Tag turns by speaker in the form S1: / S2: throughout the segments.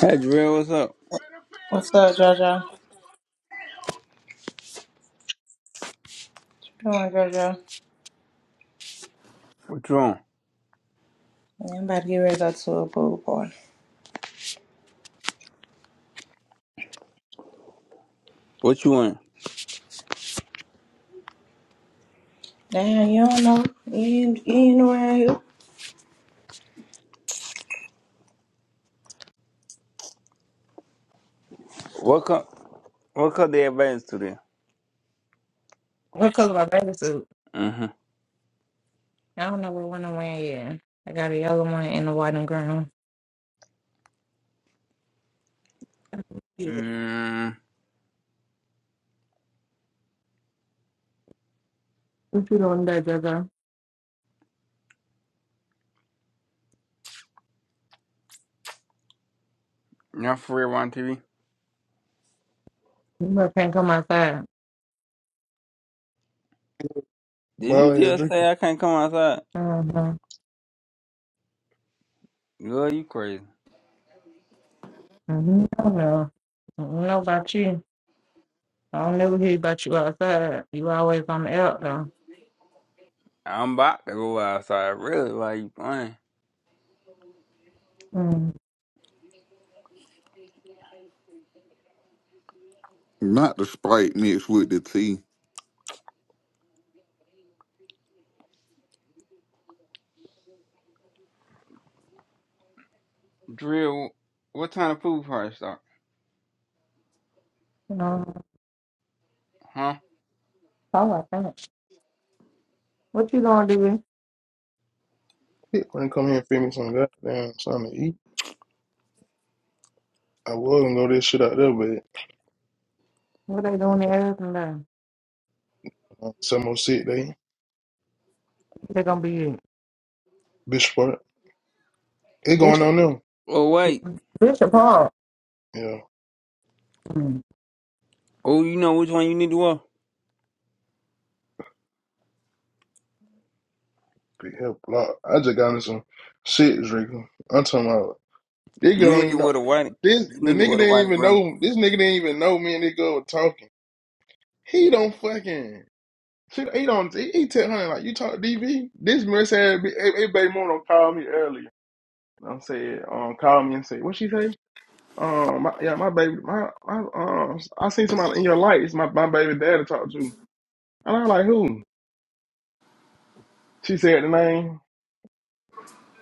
S1: Hey, Jarrell, what's up?
S2: What's up, JoJo? Come on, JoJo.
S1: What you on?
S2: I'm about to get ready to go to a pool party.
S1: What you want?
S2: Damn, you don't know. You ain't, you ain't around here.
S1: What cup? What cut they advanced today?
S2: What color my bathing suit?
S1: Mm-hmm.
S2: I don't know what one I'm wearing yet. I got a yellow one and a white and green. Yeah.
S1: Mm,
S2: What you doing there, Jojo?
S1: not for real on TV.
S2: You must can't come outside.
S1: Did
S3: Boy, I
S1: you
S3: need a
S1: just
S3: drink
S1: say I can't come outside?
S2: Mm-hmm.
S1: Girl, you crazy.
S2: Mm-hmm. I don't know. I don't know about you. I don't never hear about you outside. You always on the out though.
S1: I'm about to go outside. Really? Why you playing?
S2: Mm.
S4: Not the Sprite mixed with the tea.
S1: Drill, what time of food party start?
S2: No.
S1: Huh?
S2: Oh, I think. What you gonna do?
S3: When come here and feed me some goddamn something to eat. I was gonna go this shit out there, but
S2: What they doing the air tonight?
S3: uh, some more sick they
S2: They gonna be
S3: bitch part. It
S2: it.
S3: going on them.
S1: Oh, wait.
S2: Bishop Hart.
S3: Yeah,
S2: Mm.
S1: Oh, you know which one you need to wear?
S3: big help a lot. I just got me some shit drinking. I'm talking about nigga
S1: You
S3: don't
S1: need to
S3: even know
S1: wear the white.
S3: this
S1: You
S3: the
S1: need to wear
S3: nigga
S1: the white
S3: didn't
S1: and
S3: even
S1: green.
S3: know this nigga didn't even know me and this girl were talking. He don't fucking she, he don't he, he tell her like you talk DV. This mess had hey, hey, baby mom don't call me earlier. I'm saying um call me and say what she say? Um, my, yeah, my baby, my, my, um, I seen somebody in your lights. my, my baby daddy talked to. And I'm like, who? She said the name.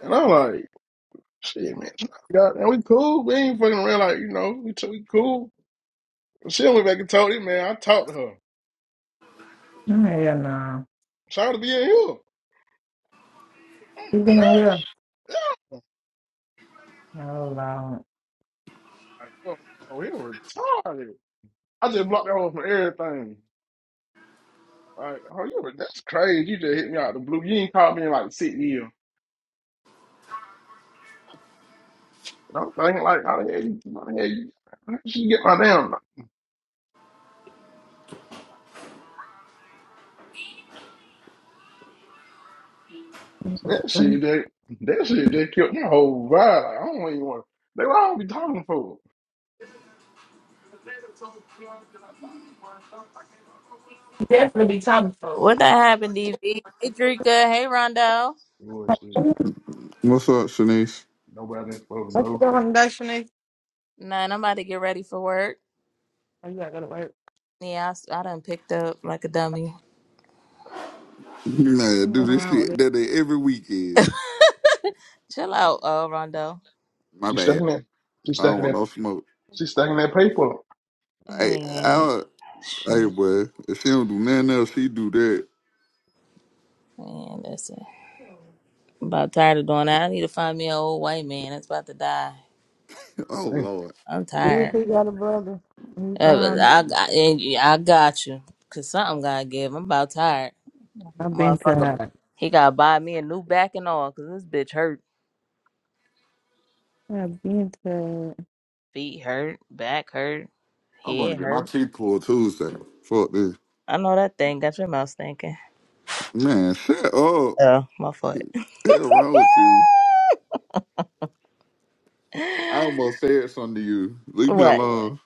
S3: And I'm like, shit, man. God, and we cool. We ain't fucking around. Like, you know, we, t- we cool. She went back and told him, man, I talked to her.
S2: Hell no.
S3: Shout to be in here. I'm
S2: You
S3: like,
S2: been here?
S3: "Really?" Yeah.
S2: Oh, Lord.
S3: like, fuck, oh, he retarded. I just blocked that one from everything. Like, oh, you, re- that's crazy. You just hit me out the blue. You ain't called me in like six years. And I'm thinking, like, how the hell you, how the hell you, how did you get my damn number? That shit, that, that shit, that killed my whole vibe. Like, I don't even want. They why I don't be talking for.
S2: You definitely be talking to folks.
S5: What that happened, DV? Hey, Drika. Hey, Rondo.
S3: Bullshit.
S2: What's
S4: What's up, Shanice?
S3: Nobody ain't supposed to know.
S2: your recommendation is?
S5: Man, I'm about to get ready for work.
S2: Oh, you gotta go to work.
S5: Yeah, I, s- I done picked up like a dummy.
S4: Man,
S2: I'm
S4: do
S2: going
S4: this
S2: around
S4: shit
S2: with it.
S4: that they every weekend.
S5: Chill out, uh, Rondo.
S4: My
S3: She
S4: bad.
S3: stacking that. She
S4: I don't
S3: stacking
S4: want
S3: that.
S4: no smoke.
S3: She stacking that paper.
S4: Hey,
S5: Man,
S4: I, hey,
S5: shit.
S4: boy. If she don't do nothing else, she do that.
S5: Man, that's it. I'm about tired of doing that. I need to find me an old white man that's about to die.
S4: Oh
S3: Dang.
S4: Lord,
S5: I'm
S2: You
S5: tired.
S2: see, got a brother. You
S5: Uh, but
S2: found
S5: I,
S2: him.
S5: got- and you- I, got you. Cause something gotta give. I'm about tired.
S2: I've been
S5: Motherfucker.
S2: tired.
S5: He gotta buy me a new back and all. Cause this bitch hurt.
S2: I've been tired.
S5: Feet hurt. Back hurt.
S4: I'm going to
S5: Head
S4: get my
S5: hurt.
S4: teeth pulled Tuesday. Fuck this,
S5: I know that thing got your mouth stinking.
S4: man. Shut up.
S5: Oh, my foot.
S4: Hell wrong with you? I almost said something to you. Leave me
S5: what?
S4: alone.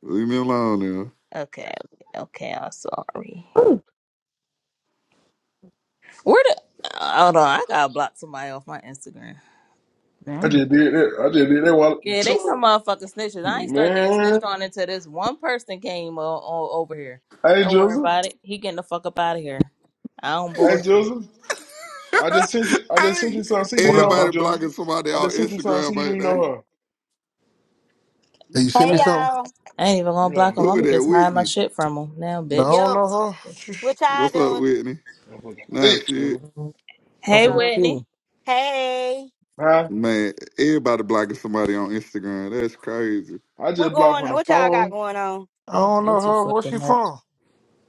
S4: Leave me alone
S5: Okay, okay, okay. I'm sorry.
S2: Ooh,
S5: Where the? Hold on, I gotta block somebody off my Instagram.
S3: I
S5: 'Cause-
S2: damn.
S3: just did that. I just did that while
S5: Yeah, they
S3: two
S5: some motherfucking snitches. I ain't
S3: minutes.
S5: start getting
S3: Man.
S5: snitched on until this one person came o o- over here.
S3: Hey
S5: Don't worry
S3: Joseph.
S5: about it. He getting the fuck up out of here. I don't
S3: Hey
S5: bullshit.
S3: Joseph.
S4: now.
S3: I just sent you. I just sent
S4: hey,
S3: you something. See, do
S6: What
S3: you
S6: up,
S3: know her,
S4: everybody
S6: bro?
S3: Joseph?
S4: blocking somebody
S3: I
S4: on
S3: just sent you something.
S4: Instagram,
S3: See, do you know
S4: ain't
S3: her?
S6: Did you send
S7: Hey
S6: me
S5: Matter of
S4: they?
S5: fact,
S6: something?
S7: y'all.
S5: I ain't even gonna
S3: Yeah.
S5: block him.
S4: Who
S5: I'ma
S4: that
S5: just hide my
S4: Whitney?
S5: shit from him now,
S6: No, I
S5: bitch.
S6: don't
S7: Yo,
S6: know
S7: what y'all
S4: What's up,
S7: doing?
S4: Whitney?
S3: I'm fucking
S4: Nah,
S3: thick,
S4: shit,
S3: Joseph.
S6: her. I'm
S5: Hey,
S6: from
S7: Oh.
S5: Whitney.
S6: Cuba.
S7: Hey.
S3: Huh?
S4: man. Everybody blocking somebody on Instagram. That's crazy.
S3: I
S7: What
S3: just blocked
S7: going
S3: from the
S7: what y'all got
S3: phone.
S7: going on?
S6: I
S5: Thank
S6: don't
S5: you
S6: know
S5: too
S6: her. Where
S5: fucking
S6: she
S5: much.
S6: from?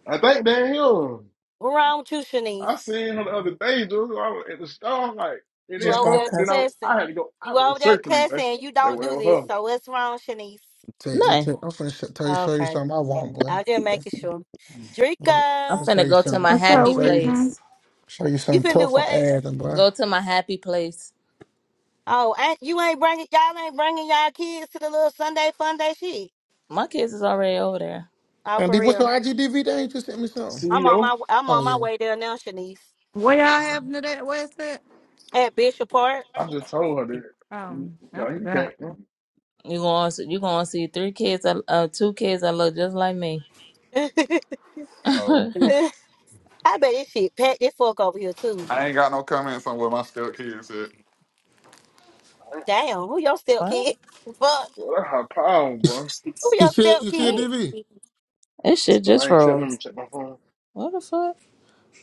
S3: I think they here.
S7: What wrong with you, Shanice?
S3: I seen her the
S6: Tell
S3: other day, dude. I was at the store, like, it
S7: You
S3: is
S5: Just
S7: over
S5: got
S3: her.
S7: there
S3: Then
S5: cussed.
S3: I,
S7: cussing.
S3: I had to go, I
S7: You over
S3: was
S7: there
S3: searching, boy.
S7: cussing. You
S3: That
S7: don't do
S3: was
S7: this.
S3: her.
S7: So what's wrong, Shanice?
S6: you, I'm,
S5: Nothing.
S6: tell, I'm finna sh- tell you, show you
S7: Okay.
S6: something I want, boy.
S7: I'll just
S6: I'm
S7: making sure.
S6: finna I'm
S5: I'm
S7: Drinker.
S6: finna show
S5: finna
S6: you
S5: go to
S6: something.
S5: my
S2: What's
S6: I'm finna
S2: up
S5: happy
S6: show
S2: with
S6: you,
S2: me?
S5: place.
S6: show you
S7: You
S6: something
S7: finna do
S6: tough on
S7: what?
S6: Adam, boy.
S5: Go to my happy place.
S7: Oh, ain't, you ain't bringing y'all ain't bringing y'all kids to the little Sunday fun day shit.
S5: My kids is already over there.
S7: Oh,
S6: And
S7: for
S6: D, what's your
S7: real.
S6: IGDV? They ain't just sent me something.
S7: I'm on
S3: CEO,
S7: my I'm
S6: Oh
S7: on
S6: yeah.
S7: my way there now, Shanice.
S2: Where y'all having it at? Where's that?
S7: At Bishop Park.
S3: I just told her that, you
S2: Um, I
S3: know, you can't,
S2: forgot.
S3: well,
S5: You gonna see- you gonna see three kids, that- uh, two kids that look just like me.
S4: Oh,
S5: what?
S7: I bet this shit packed this fuck over here too.
S4: I ain't got no comments on what my stepkids said.
S7: Damn, who your step kid? Fuck,
S3: that's her problem,
S6: You,
S3: boy.
S6: s-
S7: who
S6: you
S7: your
S6: see,
S7: step
S6: you see a
S7: kid?
S5: Oh,
S6: DV?
S5: this shit
S3: No,
S5: just
S3: I ain't check, let me
S5: froze.
S3: check my phone.
S5: What the fuck?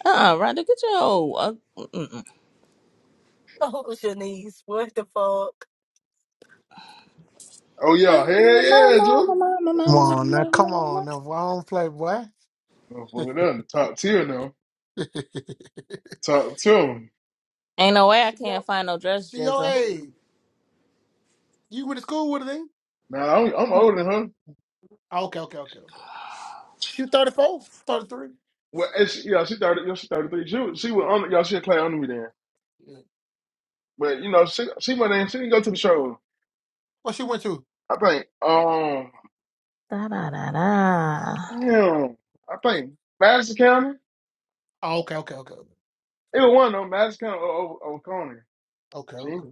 S5: Uh, uh
S3: Oh,
S5: Rhonda, get your old. Uh, mm-mm.
S7: Oh, Shanice, what the fuck?
S3: yeah,
S5: mama,
S3: hell yeah,
S5: mama,
S3: dude.
S5: mama, mama,
S6: Come on now,
S5: mama,
S6: come on
S5: mama.
S6: now. boy. I don't play, boy.
S3: Motherfucker, that's the top tier now.
S6: she
S3: Top tier.
S5: Ain't no way I
S6: your,
S5: can't find no dress,
S6: she your
S5: Jizzle.
S6: age. You went to school with her, then?
S3: Now, I'm, I'm older than her.
S6: Okay, okay, okay, okay. She 34, 33.
S3: Well, and she, yeah, she 30, yeah, she 33. She, was- she was on, yeah, she a clay under me then. But, you know, she, she went in, she didn't go to the show.
S6: What she went to?
S3: I think um
S5: Da da da da.
S3: damn, I think Madison County.
S6: Oh, okay, okay, okay.
S3: It was one though, Madison County or or Oconee.
S6: Okay,
S3: See,
S6: okay.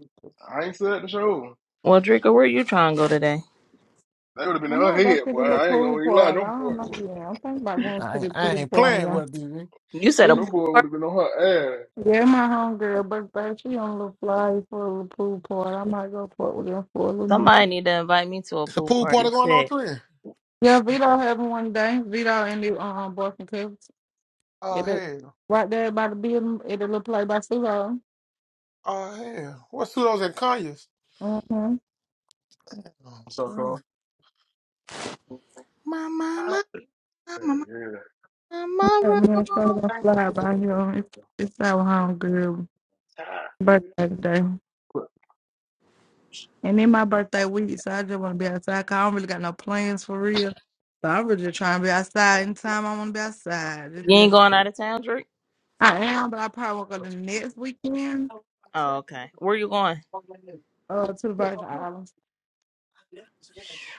S3: I ain't said the show.
S5: Well, Drinker, where you trying to go today?
S3: That would have been
S2: I
S3: in her
S2: might go
S3: head,
S2: to the
S3: boy.
S2: little
S3: I ain't
S2: pool
S3: gonna even lie.
S2: party. I
S3: Them boy,
S2: don't know. Yeah, I'm thinking about going
S6: I
S2: to
S6: ain't, I
S2: the pool
S6: ain't playing with it,
S2: party.
S6: DV.
S5: You said a
S3: them boy
S5: pool
S3: would have been on her ass.
S2: Yeah, my homegirl, but babe, she on a little fly for a little pool party. I might go fuck with her for a little
S5: Somebody
S2: minute.
S5: need to invite me to a
S6: It's a
S5: pool
S6: pool party
S5: party.
S6: going on
S5: Shit.
S6: three.
S2: Yeah, Vito having one day. Vito and the um Boston Cubs.
S6: Oh,
S2: It is
S6: hell.
S2: right there by the building. It a little play by Sulo.
S6: Oh, hell. What's Sudo's and Kanye's?
S2: Mm-hmm.
S6: Oh,
S3: So
S6: twin.
S3: called.
S5: My mama, my
S3: Yeah,
S5: mama,
S3: yeah.
S5: my
S2: That
S5: mama.
S2: man sure to fly by here. It's it's our homegirl birthday today,
S3: Quick.
S2: and then my birthday week, so I just want to be outside. 'cause I don't really got no plans for real. So I'm really just trying to be outside. Anytime I want to be outside, just
S5: You
S2: be
S5: ain't going
S2: outside.
S5: out of town, Drake?
S2: I am, but I probably won't go the next weekend.
S5: Oh, okay. Where you going?
S2: uh to the Virgin Islands.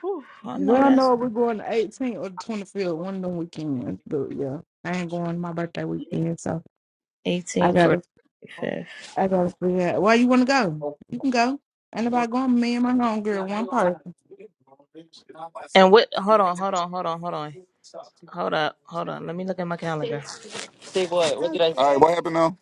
S5: Whew, I
S2: We
S5: know
S2: don't
S5: that's
S2: know if we're going the 18th or the 25th, one of them weekends. But yeah, I ain't going my birthday weekend, so I
S5: 18 for
S2: gotta,
S5: the 5th.
S2: I gotta figure out. Why you wanna go? You can go. Ain't nobody going. Me and my homegirl, one person.
S5: And what? Hold on, hold on, hold on, hold on. Hold up, hold on. Let me look at my calendar.
S4: All right, say? what happened now?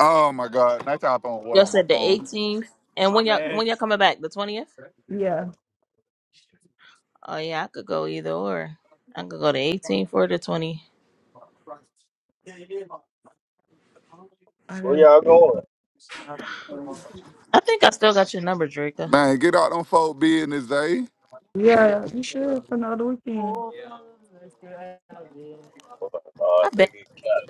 S4: Oh my God, now tap on what
S5: Y'all
S4: on my
S5: said the
S4: phone?
S5: 18th. And when y'all when y'all coming back? The 20th?
S2: Yeah,
S5: Oh yeah, I could go either or. I could go the 18th or the 20th.
S2: I
S8: Where
S2: gotta.
S8: y'all
S2: figure it
S8: going?
S2: out.
S5: I think I still got your number, Drake. I
S4: Man, get out them folk business, Zay.
S2: Yeah, you should for another weekend.
S8: Uh,
S5: bet.
S8: nigga, Cap,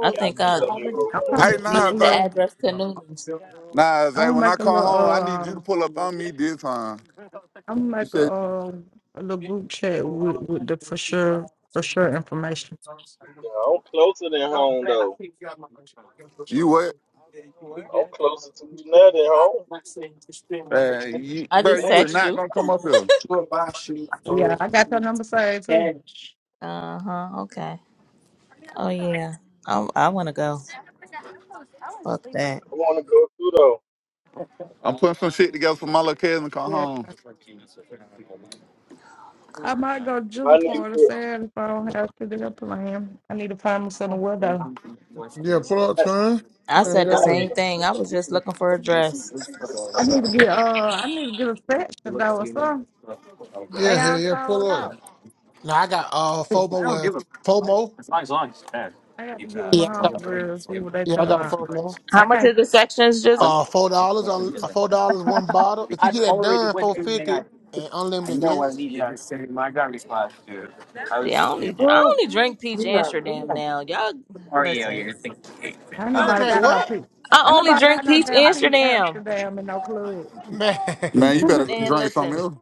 S5: I
S8: Cap
S5: think
S8: and
S5: I
S8: some of
S2: I'll probably
S4: Hey,
S8: bro.
S2: make
S4: nah,
S2: a
S5: Needed
S4: Zay.
S5: the
S2: little.
S5: address to Noonan's.
S4: Nah,
S2: I'm
S4: Zay.
S2: gonna
S4: When I
S2: make a
S4: come
S2: little.
S4: home, I need
S2: Uh,
S4: you to pull up on me this time.
S2: I'm gonna
S4: You
S2: make a,
S4: said
S2: uh, a little group chat with with the for sure for sure information.
S8: You know, I'm closer than home, though.
S4: you what?
S8: I'm closer to you now than home.
S4: Man, you,
S5: I
S4: bro,
S5: just
S4: you is
S5: text
S4: not
S5: you.
S4: gonna come up here.
S2: Yeah, I got your number saved too.
S5: Uh huh. Okay. Oh yeah. I I want to go. Fuck that.
S8: I want to go through, though.
S4: I'm putting some shit together for my little cousin to come
S2: Yeah.
S4: home.
S2: I might go to Juniper
S8: Y'all need
S2: party
S8: to,
S2: Saturday if I don't have to do a plan. I need to find me some to
S6: Yeah, pull up, twin.
S5: I
S6: Yeah,
S5: said the
S8: y'all
S6: yeah.
S8: need
S5: same thing.
S8: to,
S5: I was just looking for a dress.
S2: I need to get uh I need to get a section though or something.
S6: Yeah,
S2: They
S6: hell
S2: all
S6: yeah,
S2: sold
S6: pull up.
S2: out.
S6: Now, I got uh FOMO with FOMO.
S2: I got to get with my
S6: Yeah, I got,
S2: homegirls, see what they
S6: yeah, I
S2: talking
S6: got
S2: about.
S6: FOMO.
S5: How
S2: I
S5: much
S2: can't
S5: is the sections, Jizzle?
S6: Uh, four dollars on uh, four dollars one bottle. If you get that done, four fifty and unlimited guests.
S5: See, I only I only drink peach Amsterdam now. Y'all listen.
S2: ain't
S6: You gonna
S2: nobody
S6: drink
S2: got no
S6: what?
S2: peace.
S5: I
S2: Ain't
S5: only
S2: nobody got
S5: drink
S2: no
S5: peach
S2: damn peace
S5: Amsterdam.
S2: Amsterdam in no club.
S6: Man.
S4: Man, you better go
S6: yeah,
S5: And
S4: drink
S5: listen.
S4: something else.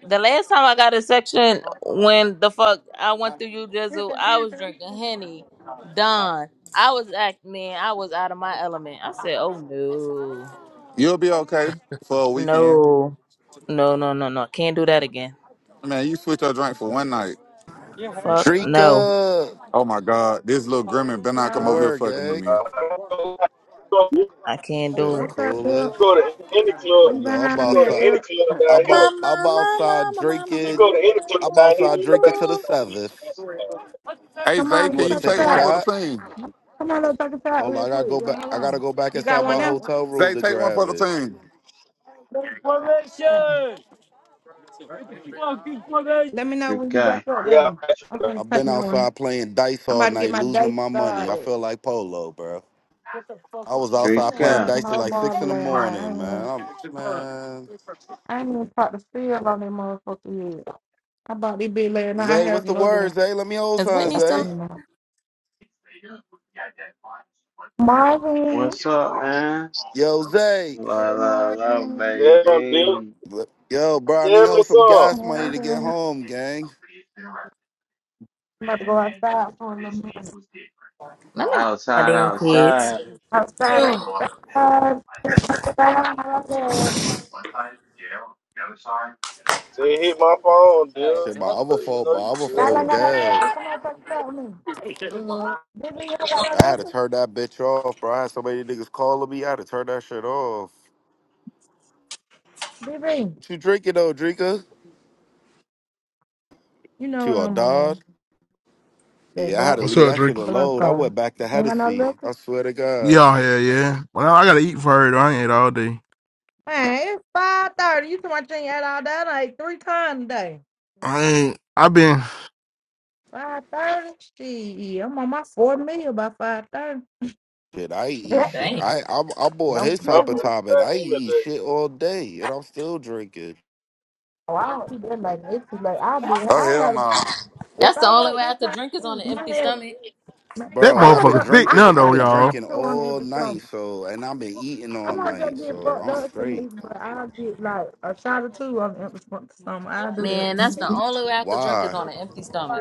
S5: The last time I got a section when the fuck I went through you drizzle, I was drinking henny, Don. I was acting, I was out of my element. I said, "Oh no,
S4: You'll be okay for a weekend.
S5: no, no, no, no, no! Can't do that again.
S4: Man, you switch your drink for one night.
S5: Fuck no,
S9: Drika,
S4: Oh my God, this little Grimmin better
S9: what's
S4: not
S9: the
S4: come over
S2: Yo,
S4: here
S9: word,
S4: fucking with
S9: gang?
S4: me.
S8: uh, you
S5: I can't do
S9: Shit,
S5: it."
S2: what's up, dude?
S9: coolest.
S8: go to any club,
S2: What
S9: You
S2: you
S9: know, I'm
S8: you
S2: behind
S8: go to
S2: that,
S9: outside.
S8: any
S2: dude?
S8: club down
S9: I'm
S8: here,
S9: out.
S5: Mama,
S9: I'm
S5: mama,
S9: outside
S5: mama, mama,
S8: you
S9: drinking.
S8: go to
S5: mama,
S8: any club
S9: I'm
S8: down here, you
S9: outside
S8: ain't
S9: drinking
S8: nobody
S9: to the
S8: get
S5: mama.
S8: no beach
S9: seventh.
S8: expensive, man.
S4: Hey
S2: Come
S4: Zay,
S9: You
S2: on,
S4: can
S2: let's
S9: want to
S4: you
S2: take a
S9: take
S4: take
S9: a
S4: one for
S2: shot.
S4: the
S9: shot?
S4: team?
S2: Come on, let's take a shot
S9: Hold on,
S2: real
S9: I gotta
S2: quick.
S9: go
S2: Yo,
S9: back.
S2: hold
S9: I gotta
S2: on.
S9: go back
S2: You got
S9: inside my
S2: one
S9: hotel room
S4: Zay,
S9: to
S4: take one for
S9: grab
S4: the
S9: it.
S4: team.
S2: now? Let me know when you back
S10: Drika,
S2: up
S8: Yeah,
S2: though. I'm gonna
S9: I've
S2: take
S9: been
S2: me one.
S9: outside playing dice
S2: I'm
S9: all
S2: about to get
S9: night,
S2: my
S9: losing
S2: day
S9: my money. I
S2: started.
S9: feel like polo, bro. I was
S2: I
S9: outside
S2: know
S9: playing
S2: about me
S10: Drika,
S2: a
S9: dice till
S2: whole
S9: like six
S2: barbie
S9: in the
S2: last night. I
S9: morning,
S2: ain't
S9: man.
S2: even
S9: I'm, man,
S2: I ain't even popped the seal on that motherfucker yet. I bought this big last night. I
S9: Zay, what's
S2: have
S9: the
S2: another
S9: word,
S2: one.
S9: Zay? Let me hold
S5: Is
S9: sign,
S2: But
S5: Whitney
S2: I
S5: still?
S9: Zay.
S2: can't know. Marvin.
S10: what's up, man?
S9: Yo, Zay.
S10: La
S2: Hey
S10: la la,
S2: Marvin.
S8: damn, deal.
S10: baby.
S9: Look, Yo, bro, I need
S8: Tell me
S9: hold some
S8: some.
S9: gas money to get
S2: Marvin. I'm
S9: home, gang.
S2: about to go outside for a little minute.
S5: Let me go. My
S10: Outside,
S5: damn kids.
S10: outside.
S2: Outside,
S5: Ugh,
S2: outside, outside. outside.
S8: Say, hit my phone, deal.
S9: Shit, my other
S8: You
S9: phone,
S8: know
S9: my
S8: you
S9: other
S2: Y'all
S9: phone
S2: ain't got
S8: good.
S2: no
S9: dead.
S2: liquor. Somebody take about out with me. BB, you don't got no
S9: I had to
S2: liquor?
S9: turn that bitch off, bro. I had so many niggas calling me. I had to turn that shit off.
S2: BB,
S9: What you drinking though, drinker? What
S2: you know what
S9: You a
S2: I'm
S9: dog?
S2: on. That
S9: Yeah, I
S2: dog.
S9: had to
S3: What's
S9: leave
S3: up,
S9: that
S3: Drake?
S9: shit alone. I
S2: Blanco.
S9: went back to
S2: You don't got no
S9: Hennessy.
S2: liquor?
S9: I swear to God,
S3: Yeah, yeah yeah. Well, I gotta eat for her. Though. I ain't ate all day.
S2: Man, it's five thirty. You talking about you ain't had all that like three times a day.
S3: I ain't. I been
S2: Five thirty? Shit, I'm on my fourth meal by five thirty.
S9: shit, I ain't eat
S2: Yeah,
S9: shit.
S5: Damn.
S9: I I'm, I'm on
S2: no
S9: his
S8: My
S9: type of
S2: kidding.
S8: first
S9: time, and
S8: time
S9: I ain't
S8: in
S9: eat
S8: today.
S9: shit all day, and I'm still drinking.
S2: Oh, I don't eat that like it's too late. I'll be.
S4: Oh
S2: I
S4: hell
S2: have.
S4: nah.
S2: If
S5: That's the
S2: I
S5: only
S2: work
S5: way I
S2: this
S5: could
S2: time,
S5: drink is on an
S2: my
S5: empty
S2: head.
S5: stomach.
S2: My,
S3: that
S9: Bro, I've
S2: I
S9: been
S3: motherfucker
S2: have.
S3: thick
S9: drinking.
S3: now
S2: I
S9: I've
S3: though,
S2: have
S9: been
S2: to shot
S3: y'all.
S2: or
S9: drinking
S2: two on the
S9: all
S2: empty
S9: night,
S2: stomach.
S9: so and I've been eating
S2: I
S9: all
S2: want to
S9: night,
S2: just get
S9: so
S2: fucked
S9: I'm
S2: up,
S9: straight.
S2: Shanice, but I'll get like a shot or two on the empty stomach. I'll do that.
S5: Man, that's the only way I could drink is
S9: Why?
S5: on an empty stomach.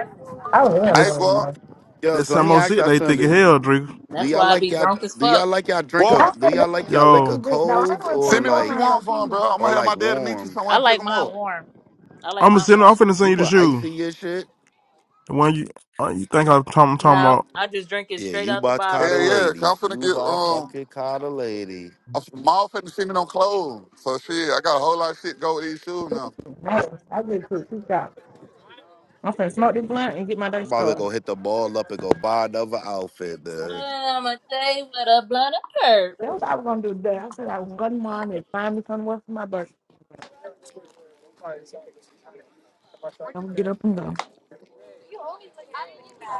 S2: Oh hell
S4: Hey,
S3: That's
S2: no,
S4: go
S2: no.
S4: up.
S9: Yo,
S3: that's
S9: so
S3: how
S9: let me
S3: most
S9: ask
S3: shit
S9: y'all
S3: they think of
S9: something.
S3: hell, Drake.
S9: Do
S5: That's
S9: y'all
S5: why I
S9: like
S5: be
S9: y'all?
S5: drunk as
S9: Do
S5: fuck.
S9: y'all like y'all drink a?
S4: Go up.
S2: Y'all
S9: Do
S2: said
S9: y'all
S2: that was
S9: like y'all
S2: too filthy
S9: liquor
S3: Yo,
S2: rich. No, I ain't
S9: cold
S2: want
S9: or
S2: to
S4: Send me
S2: go
S4: what you
S9: like
S2: around no
S4: want for him,
S2: kids.
S4: bro. I'm
S9: or
S4: gonna have my
S9: like
S4: dad to meet you
S9: warm?
S4: somewhere
S5: I
S4: and pick
S5: like
S4: him
S5: mine
S4: up.
S5: warm. I like
S3: I'ma
S5: mine
S3: send. I'm
S5: warm.
S3: finna send
S9: You
S3: you the
S9: put ice
S3: shoes.
S9: in your shit.
S3: The one you uh, you think I'm talking, I'm talking
S5: No,
S3: about?
S5: I just drink it
S9: Yeah,
S5: straight
S9: you
S5: out the
S9: by
S5: bottle
S9: cotta
S4: Yeah,
S5: warm.
S4: yeah. Cause I'm
S9: ladies.
S4: finna
S9: You
S4: get
S9: by
S4: um
S9: fucking cotta lady.
S4: a mall finna send me no clothes. So shit, I got a whole lot of shit to go with these shoes now.
S2: No, I just took two shots. I'm finna smoke this blunt and get my day
S9: I'm about to go
S2: started.
S9: hit the ball up and go buy another outfit, man.
S5: Well, I'm a day with a blunt of curb.
S2: That was what I was gonna do today. I said I was gonna go on and find me somewhere for my birthday. I'm gonna get up and go.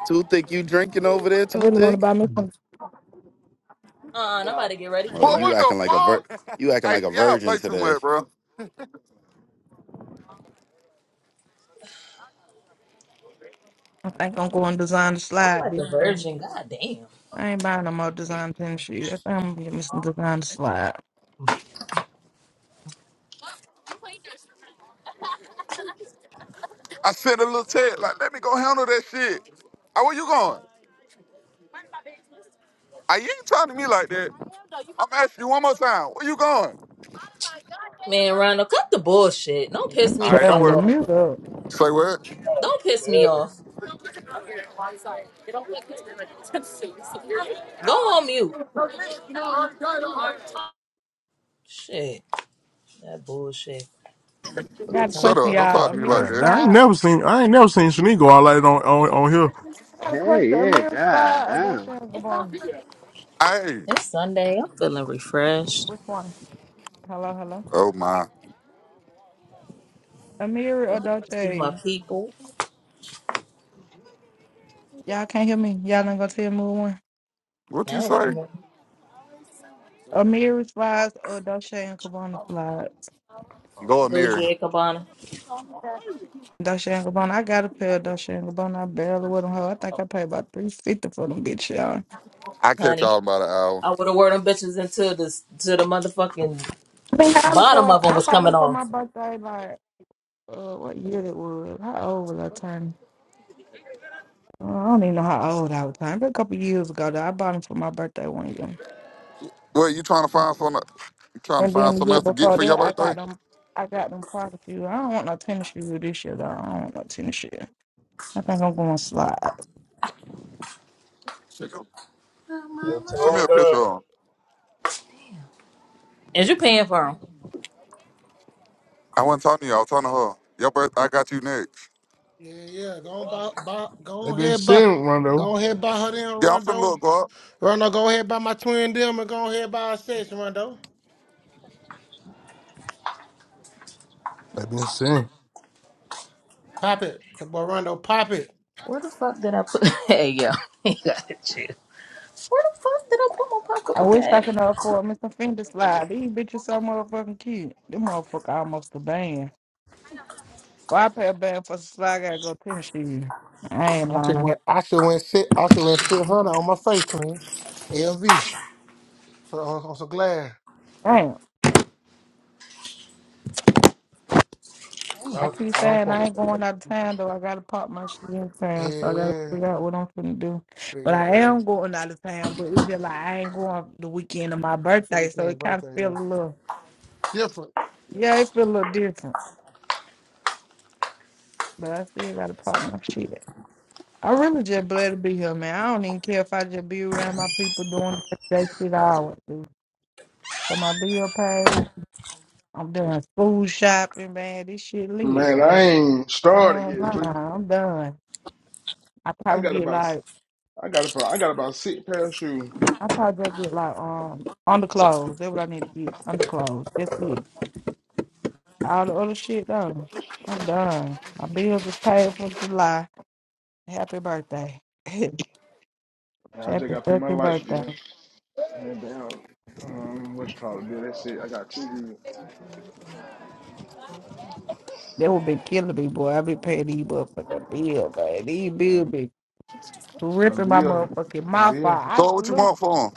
S9: Too thick. You drinking over there?
S2: I
S9: Too
S2: really want to
S9: thick.
S2: buy me some.
S5: Uh, I'm about to get ready
S4: Boy,
S5: for
S9: Uh, you
S5: work.
S4: what the
S9: acting like a vir-
S4: fuck?
S9: You acting
S4: Hey,
S9: like a
S4: see, y'all
S9: virgin
S4: play too
S9: today.
S4: much, bro.
S2: I think I'm going to design the
S5: I'm
S2: slide.
S5: like a
S2: bitch.
S5: virgin. God damn.
S2: I ain't buying no more design pin shit. I think I'm gonna get me some design slide.
S4: I sent a little text, like, let me go handle that shit. Ah, where you going? Ah, you ain't talking to me like that. I'm asking you one more time. Where you going?
S5: Man, Ronald, cut the bullshit. Don't piss
S2: I'm
S5: me
S4: All
S5: the
S4: right, don't
S5: fuck
S2: telling you,
S4: worry.
S5: off.
S2: Amira.
S4: Say what?
S5: Don't piss me
S8: Standing.
S5: off. Go on mute. Shit. That bullshit.
S2: I
S5: Fuck
S2: got a
S5: tell you.
S4: Shut
S2: question,
S4: up. Don't talk
S2: y'all.
S4: to me like
S3: I,
S2: Amira
S4: that.
S3: I ain't
S2: slide.
S3: never seen I ain't never seen Shanique go out like that on on, on here.
S2: I got a question.
S10: Hey, yeah,
S2: Amira
S10: god
S2: slide about
S10: damn.
S2: Sharon Gabon.
S4: Hey.
S5: It's Sunday. I'm feeling refreshed.
S2: Which one? Hello, hello.
S4: Oh, my.
S2: Amir or
S5: About to go See my
S2: Dolce?
S5: people.
S2: Y'all can't hear me. Y'all not gonna tell me one.
S4: What you
S5: Now we
S4: say?
S5: can
S2: Amir slides or Dolce and Cabana slides.
S3: Oh,
S4: Go a
S5: go
S4: mirror.
S5: Jay Cabana.
S2: Dolce and Cabana. I got a pair of Dolce and Cabana. I barely wear them. hoe. I think I paid about three fifty for them bitch y'all.
S4: I catch
S5: Honey.
S4: y'all in about an hour.
S5: I would have wore them bitches until this to the motherfucking
S2: I been hollering
S5: bottom
S2: for.
S5: of them
S2: I
S5: was
S2: bought
S5: coming
S2: them for my
S5: off.
S2: birthday. Like, uh, what year it was? How old was I turning? Uh, I don't even know how old I was turning. But a couple years ago, though, I bought them for my birthday one year.
S4: What, you trying to find something? You trying to
S2: And
S4: find
S2: then the
S4: something
S2: year
S4: else to get
S2: before
S4: for your
S2: that, I got
S4: birthday?
S2: them. I got them party shoes. I don't want no tennis shoes this year though. I don't want no tennis shoes. I think I'm gonna slide.
S4: Send
S8: Your
S4: me
S8: toe
S4: a picture
S8: down.
S4: of 'em.
S5: Is you paying for them?
S4: I wasn't talking to you. I was talking to her. Your birthday, I got you next.
S6: yeah. Go on, buy, buy, go
S3: They
S6: on
S3: been
S6: ahead, buy,
S3: seeing Rondo.
S6: go on ahead, buy her then,
S4: Yeah, I'm finna
S6: Rondo.
S4: look, God.
S6: Rondo, go ahead, buy my twin them, and go ahead, buy a six, Rondo.
S3: They been seeing.
S6: Pop it, boy, Rondo, pop it.
S5: Where the fuck did I put? hey yo, you got to chill. Where the fuck did I put my
S2: I
S5: popcorn
S2: wish I
S5: game?
S2: could afford Mr. Fender slide. These bitches so motherfucking cute. Them motherfucker almost a band. Well, I pay a band for some slide. I gotta go tennis shoes. I ain't
S6: I should
S2: lying.
S6: went, I should went sit, I should went sit her on my face, twin. LV, so on, on some glad.
S2: Damn.
S3: I
S2: I
S3: don't,
S2: keep
S3: I don't
S2: saying
S3: fuck.
S2: I ain't going out of town though. I gotta pop my shit in
S6: Yeah,
S2: town, so I gotta
S6: yeah.
S2: figure out what I'm finna do. But
S6: Figure out,
S2: I
S6: yeah.
S2: am going out of town, but it feel like I ain't going the weekend of my
S6: The
S2: birthday, so
S6: weekend
S2: it kind of
S6: birthday, yeah.
S2: feel a little,
S6: Different. Yeah.
S2: yeah, it feel a little different. But I still gotta pop my shit. I really just glad to be here, man. I don't even care if I just be around my people doing that shit I always do. So my bill paid. I'm doing food shopping, man. This shit lit.
S3: Man, I
S2: I,
S3: ain't
S2: I
S3: started
S2: ain't
S3: yet,
S2: lying.
S3: Drake.
S2: I'm done. I
S3: I got
S2: probably get
S3: about
S2: like
S3: I got about I got about six pairs of shoes.
S2: I probably just get like um underclothes. That's what I need to get. Underclothes. That's it. All the other shit done. I'm done. My bills are paid for July. Happy birthday.
S3: Yeah, I just
S2: Happy
S3: got to pay my
S2: fucking
S3: light bill.
S2: birthday.
S3: And that damn, um, what you call it, Bill? That shit, I got two bills.
S2: They would be killing me, boy. I be paying these motherfucking bills, man. These
S3: Uh,
S2: bills be
S3: from
S2: ripping my
S3: Bill,
S2: motherfucking
S3: from
S2: mouth
S3: Bill.
S2: out. I
S4: So what you
S2: salute,
S4: want for him?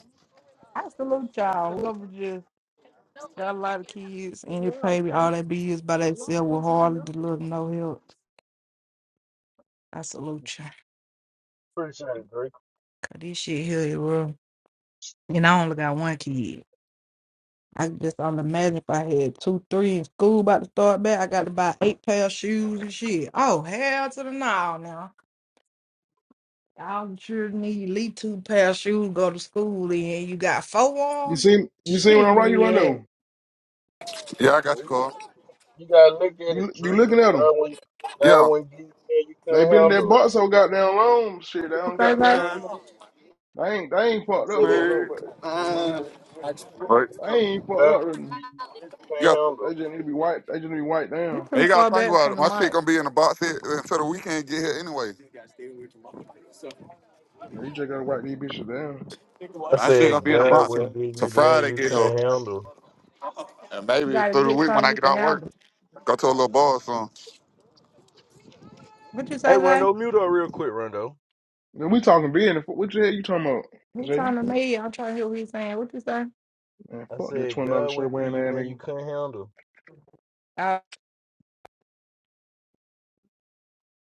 S2: I salute y'all. Whoever just got a lot of kids and they pay me all their bills by themselves with hardly the little no help. I salute y'all.
S8: Appreciate it, Drake.
S2: Cause this shit here is real. And I only got one kid. I can just only imagine if I had two, three in school about to start back. I got to buy eight pair of shoes and shit. Oh, hell to the no now. Y'all sure need at least two pair of shoes to go to school in. You got four
S3: You
S2: on?
S3: see, you see when
S2: Shit.
S3: I write you right
S2: You
S3: though.
S4: Yeah, I got you, God.
S8: You gotta look at it,
S3: You you
S8: Drake.
S3: looking at them?
S8: God when God
S4: Yeah.
S8: when give you that you
S3: They
S8: can't
S3: been in that
S8: handle.
S3: box so goddamn long. Shit, they don't
S2: say that?
S3: goddamn. You know, they ain't they ain't
S8: I
S3: fucked up,
S8: said
S3: fucked
S8: God
S3: up, but you know,
S4: But
S3: they ain't
S8: God
S3: fucked up.
S8: when
S3: Really.
S8: give you that you
S4: you
S8: can't
S4: got
S3: They
S8: handle.
S3: just need to be wiped. They just need to be wiped
S2: You
S3: down.
S2: too
S4: you gotta
S2: far
S4: think
S2: back
S4: about
S2: from
S4: it.
S2: the
S4: My shit
S2: mic.
S4: gonna be in the box here until the weekend get here anyway.
S3: Yeah, you just gotta wipe these bitches down.
S8: I
S4: My shit gonna
S8: said
S4: be in the
S8: God
S4: box here
S8: when give
S4: till
S8: you that
S4: Friday
S8: you
S4: get here,
S8: can't handle.
S4: and
S2: You
S4: maybe
S2: gotta
S4: through the
S2: get
S4: week when
S2: something
S4: I
S2: you
S4: get
S2: can
S4: out of work,
S2: handle.
S4: go to a little bar or something.
S2: What you
S8: Hey
S2: say, Zay?
S8: Rondo, mute up real quick, Rondo.
S3: Then we talking business. What the hell you talking about,
S2: He
S3: Jay?
S2: talking to me. I'm trying to hear what he's saying. What you say?
S3: Man,
S8: I
S3: fuck that
S8: said
S3: twenty dollar
S8: God when
S3: shirt
S8: give
S3: wearing
S8: you
S3: ass
S8: that you
S3: nigga.
S8: can't handle.
S2: Oh,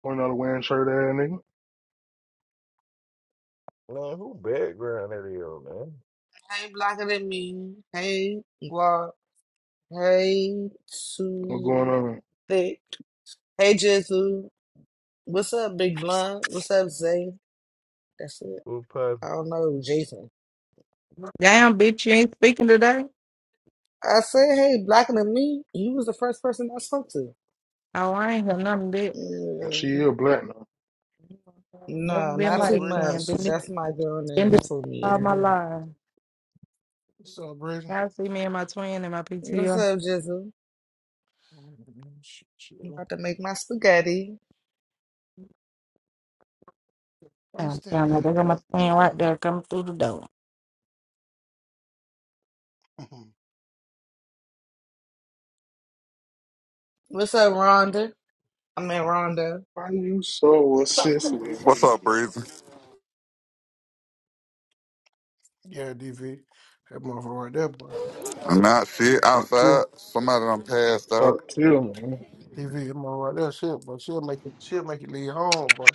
S3: Twenty dollar wearing shirt ass nigga.
S8: Man, who background that is,
S11: Hey, Blocker than me. Hey, Guap. Hey,
S3: What's going
S11: Too
S3: on?
S11: Thick. Hey, Jizzle. What's up, Big Blunt? What's up, Zay? That's it.
S8: man?
S11: I don't know, Jason.
S2: damn, bitch, you ain't speaking today?
S11: I said, hey, Blocker than me. You was the first person I spoke to.
S2: Oh, I ain't heard nothing, bitch.
S3: And she
S11: Yeah.
S3: is black now.
S2: Never
S11: No,
S2: been
S6: What's
S11: not
S6: up,
S11: too
S2: like
S6: Bridget?
S2: that.
S11: much.
S2: Been,
S6: What's
S11: That's my girl
S2: been
S11: name
S2: this
S11: for me
S2: all
S11: and
S2: my
S11: her.
S2: life.
S6: up, Bridget?
S2: Y'all see me and my twin and my
S11: What's
S2: PTO?
S11: up, Jizzle?
S6: Shit,
S11: I'm about to make my spaghetti.
S6: I
S2: Damn,
S6: used to
S2: damn,
S6: have
S2: there go my twin
S6: it.
S2: right there coming through the door.
S6: Mm-hmm.
S11: What's up, Rhonda? I mean, Rhonda.
S3: Why you so obsessed with
S4: What's
S3: me?
S4: up, Breezy?
S6: Yeah, DV. That motherfucker right there, boy.
S4: I'm not shit
S3: Talk to,
S4: outside. Somebody done passed out.
S3: talk to me.
S6: DV, that motherfucker right there, shit, but she'll make it, she'll make it leave home, boy.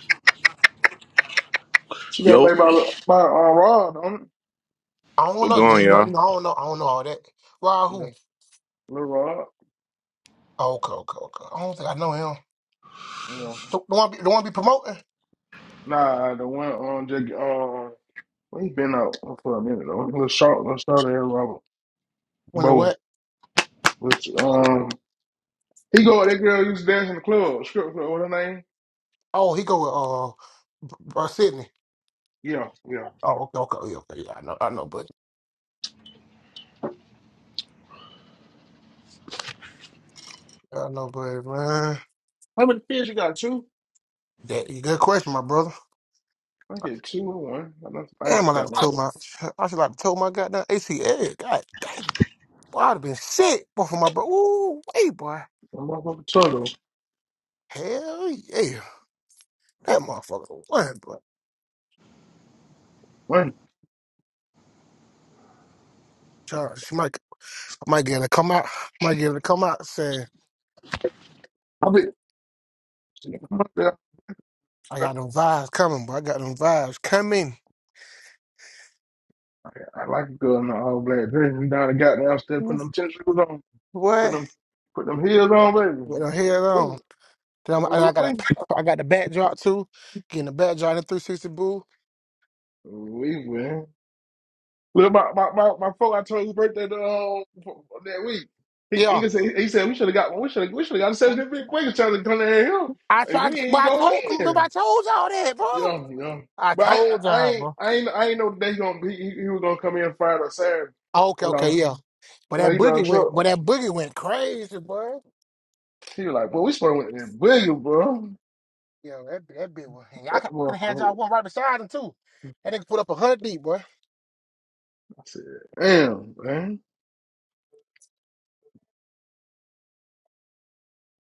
S3: She got
S12: Yo,
S3: played by by uh, Rod, on it.
S6: I don't
S12: we're
S6: know.
S12: going,
S6: You know,
S12: y'all.
S6: you know, I don't know. I don't know all that.
S3: Yeah,
S6: Rahu.
S3: little Rod.
S6: Oh, okay, okay, okay. I don't think I know him.
S3: You know,
S6: The, the one, be, the one be promoting.
S3: nah, the one on Jake. Um, well, he been out for a minute though. Little short, little short there, Robert
S6: When the
S3: Bowen.
S6: what?
S3: Which um, he go. That girl used to dance in the club, strip club. What her name?
S6: Oh, he go with uh, uh Sydney.
S3: Yeah, yeah.
S6: Oh, okay, okay, yeah, okay. Yeah, I know, I know, buddy. I know, buddy, man.
S3: How many kids you got? Two.
S6: that good question, my brother.
S3: I get two or one. I know I
S6: Damn,
S3: just
S6: I like to
S3: got one.
S6: told my, I should like to told my goddamn ACL. God damn, boy, I'd have been sick, boy, for my bro. Ooh, wait, boy.
S3: One motherfucker turtle.
S6: Hell yeah. That motherfucker won, but
S3: One.
S6: Charles, she might I might get her to come out. might get her to come out saying,
S3: I be.
S6: I got them vibes coming, but I got them vibes coming.
S3: I like to go in the all black dress and down the goddamn stairs, putting
S6: Mm,
S3: them tennis shoes on, put
S6: What?
S3: them put them heels on, baby.
S6: With her head
S3: We
S6: on. Then I'm, and I got a,
S3: we
S6: I got the backdrop too. Getting the backdrop in the 360 boo.
S3: we win. Look, my my my, my folk I told whose birthday the, um, that week. He he
S6: Yeah.
S3: can say he said we should have got one. We should have we should have got a session at Big Breaker Challenge come down here,
S6: I
S3: and
S6: tried
S3: we
S6: but
S3: ain't
S6: I
S3: going
S6: told
S3: in
S6: remember I
S3: there.
S6: told y'all that, bro.
S3: You know you know.
S6: I
S3: But I
S6: told
S3: I I
S6: y'all,
S3: ain't
S6: bro.
S3: I ain't I ain't know they gonna be he, he was gonna come in Friday or Saturday.
S6: Okay,
S3: You
S6: okay,
S3: know
S6: yeah. But
S3: you know
S6: that
S3: he drive a
S6: boogie went
S3: truck.
S6: but that boogie went crazy, boy.
S3: He was like, boy, we supposed to went to that boogie, bro.
S6: Yo, that that bit was. Hey, I
S3: That
S6: could have had
S3: motherfucker.
S6: y'all one right beside him too. That nigga put up a hundred deep, boy.
S3: I said, damn, man.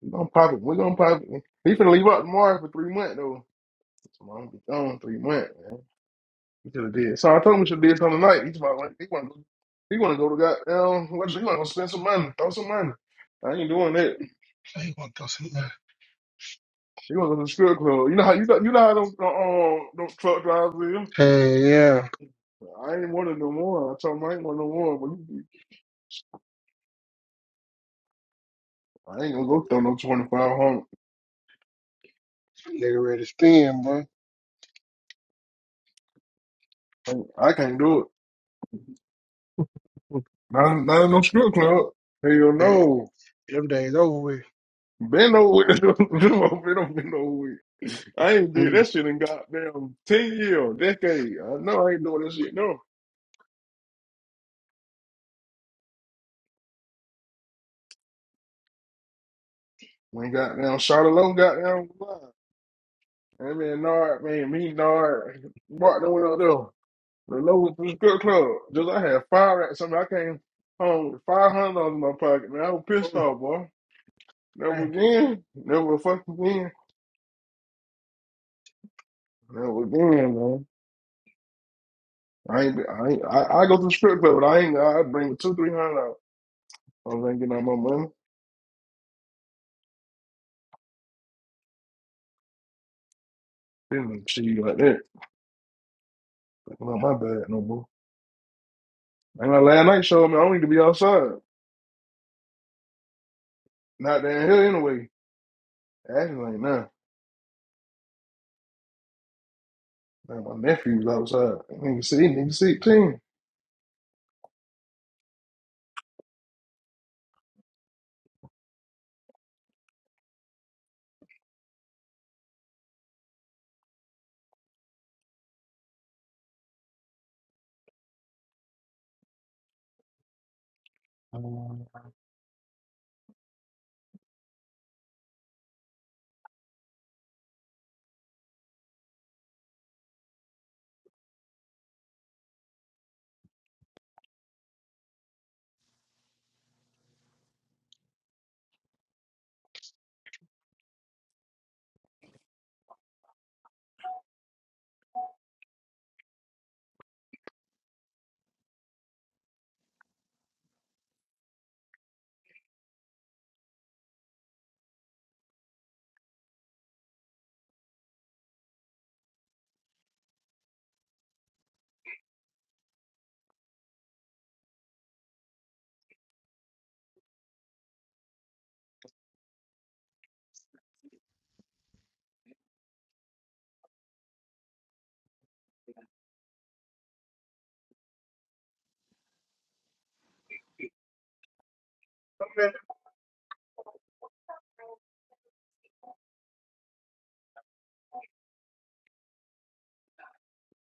S3: We gonna pop it. We gonna pop it. He finna leave out tomorrow for three months though. So I'm gonna be gone three months. He should have did. So I told him he should have did something tonight. He's about like he wanna go he wanna go to goddamn what he wanna go spend some money, throw some money. I ain't doing that.
S6: Hey, want to throw some there.
S3: He wanna go to the strip club. You know how you know you know how them uh, um them truck drivers is?
S6: Hey, yeah.
S3: I ain't want it no more. I told him I ain't want no more, but you- I ain't gonna go throw no twenty five hundred.
S6: Nigga ready to spin, boy.
S3: I can't do it. Not not in no strip club. Hell
S6: Yeah,
S3: no.
S6: them days over with.
S3: Been over with. been over, been over with. I ain't did
S6: Mm.
S3: that shit in goddamn 10 years, decade. I know I ain't doing this shit, no. When goddamn Charlotte Lowe goddamn was live. I mean, Nard, man, me, Nard, Martin went up there. The lowest was the strip club. Just I had five racks. Something I came home with five hundred dollars in my pocket, man. I was pissed
S6: Mm.
S3: off, boy. Never
S6: Hey,
S3: again. Never fucking again. Never again, man. I ain't, I ain't, I, I go to the strip club, but I ain't, I bring two, three hundred out. I ain't getting out my money. Didn't see you like that. Like, I'm Not my bad no more. And my last night showed me I don't need to be outside. Not down here anyway. Acting like nah. Man, my nephew's outside. Nigga see, nigga sixteen.
S6: come here.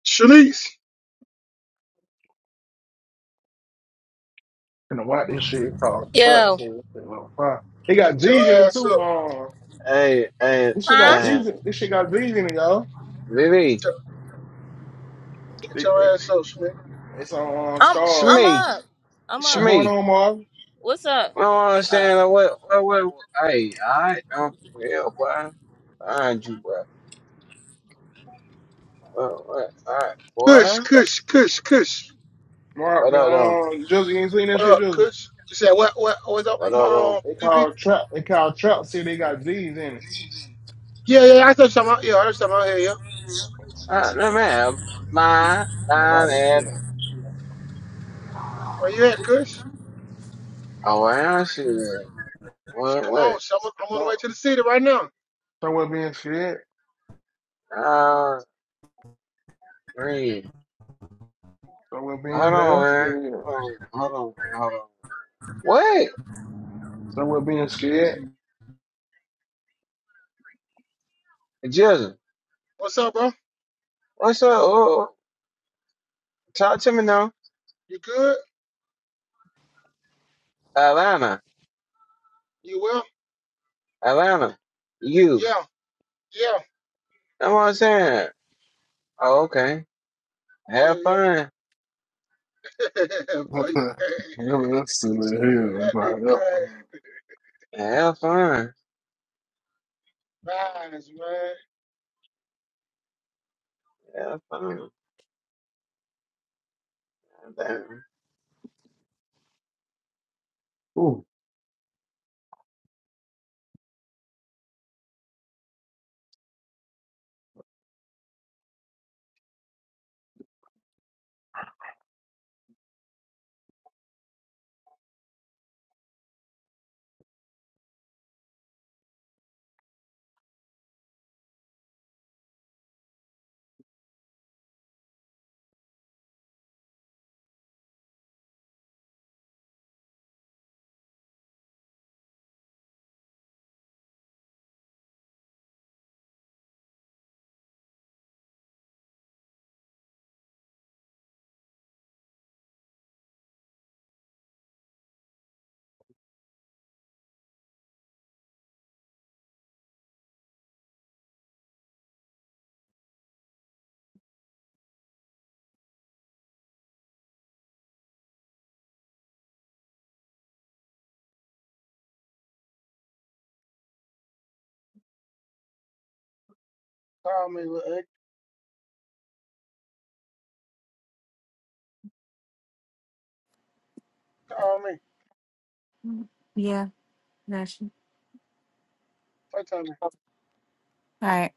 S6: Shanice,
S3: And watch this shit called Trap
S5: Yo,
S3: Fool. They got
S6: get your
S3: G's in it
S6: ass
S3: too.
S6: up.
S3: Um,
S10: Hey, hey,
S3: this shit got
S5: huh?
S10: damn.
S3: G's. In, this shit got G's in it, y'all.
S6: Get
S10: Vivi,
S6: your get
S3: It,
S6: your
S3: it,
S6: ass up, man.
S3: it's on um,
S5: I'm
S10: it's
S3: Star.
S5: I'm
S10: me,
S5: up. I'm
S10: it's
S3: What's
S5: up.
S3: going
S10: me.
S3: on, Marv?
S5: What's up?
S10: I don't
S5: Oh.
S10: understand. Like, what, what, what, what? Hey, alright, I'm for real, boy. Find you, boy. What, what, alright,
S6: Kush,
S10: boy.
S6: Kush, Kush, Kush.
S3: Marv,
S10: What up, though?
S3: um, Joseph, you ain't seen that
S6: What
S3: shit,
S6: up,
S3: Joseph?
S6: Kush? You said what? What? What's up,
S3: They,
S10: What up,
S6: um,
S10: though?
S3: they
S6: DV?
S3: call Trap. They call Trap. See, they got G's in it.
S6: Yeah, yeah. I heard something. out- Yeah, I heard something out here. Yeah.
S10: Alright,
S3: No,
S10: man, line,
S3: no, watch
S10: line,
S3: this shit.
S10: and
S6: Where you at, Kush?
S10: Oh, I see it. Wait,
S6: Come
S10: wait.
S6: on, son. I'm on the way
S3: So,
S6: to the city right now.
S3: so we're being scared.
S10: Uh, read.
S3: So we're being
S10: Hold on,
S3: damn
S10: man.
S3: scared.
S10: Hold on, hold on, man. Hold on. Wait,
S3: So we're being scared.
S10: Jizzle.
S6: What's up, bro?
S10: What's up? Oh, oh, talk to me now.
S6: You good?
S10: Atlanta,
S6: You well?
S10: Atlanta. You.
S6: Yeah, yeah,
S10: That's what I'm saying. Oh, okay. Have
S6: yeah,
S10: fun.
S6: yeah. Boy,
S3: Remember that silly
S6: that nigga crazy.
S10: Have fun.
S6: Lies, man.
S10: Have fun.
S3: hell.
S6: Call me, look, call me.
S13: Mhm. Yeah, that's all
S6: What time?
S13: right.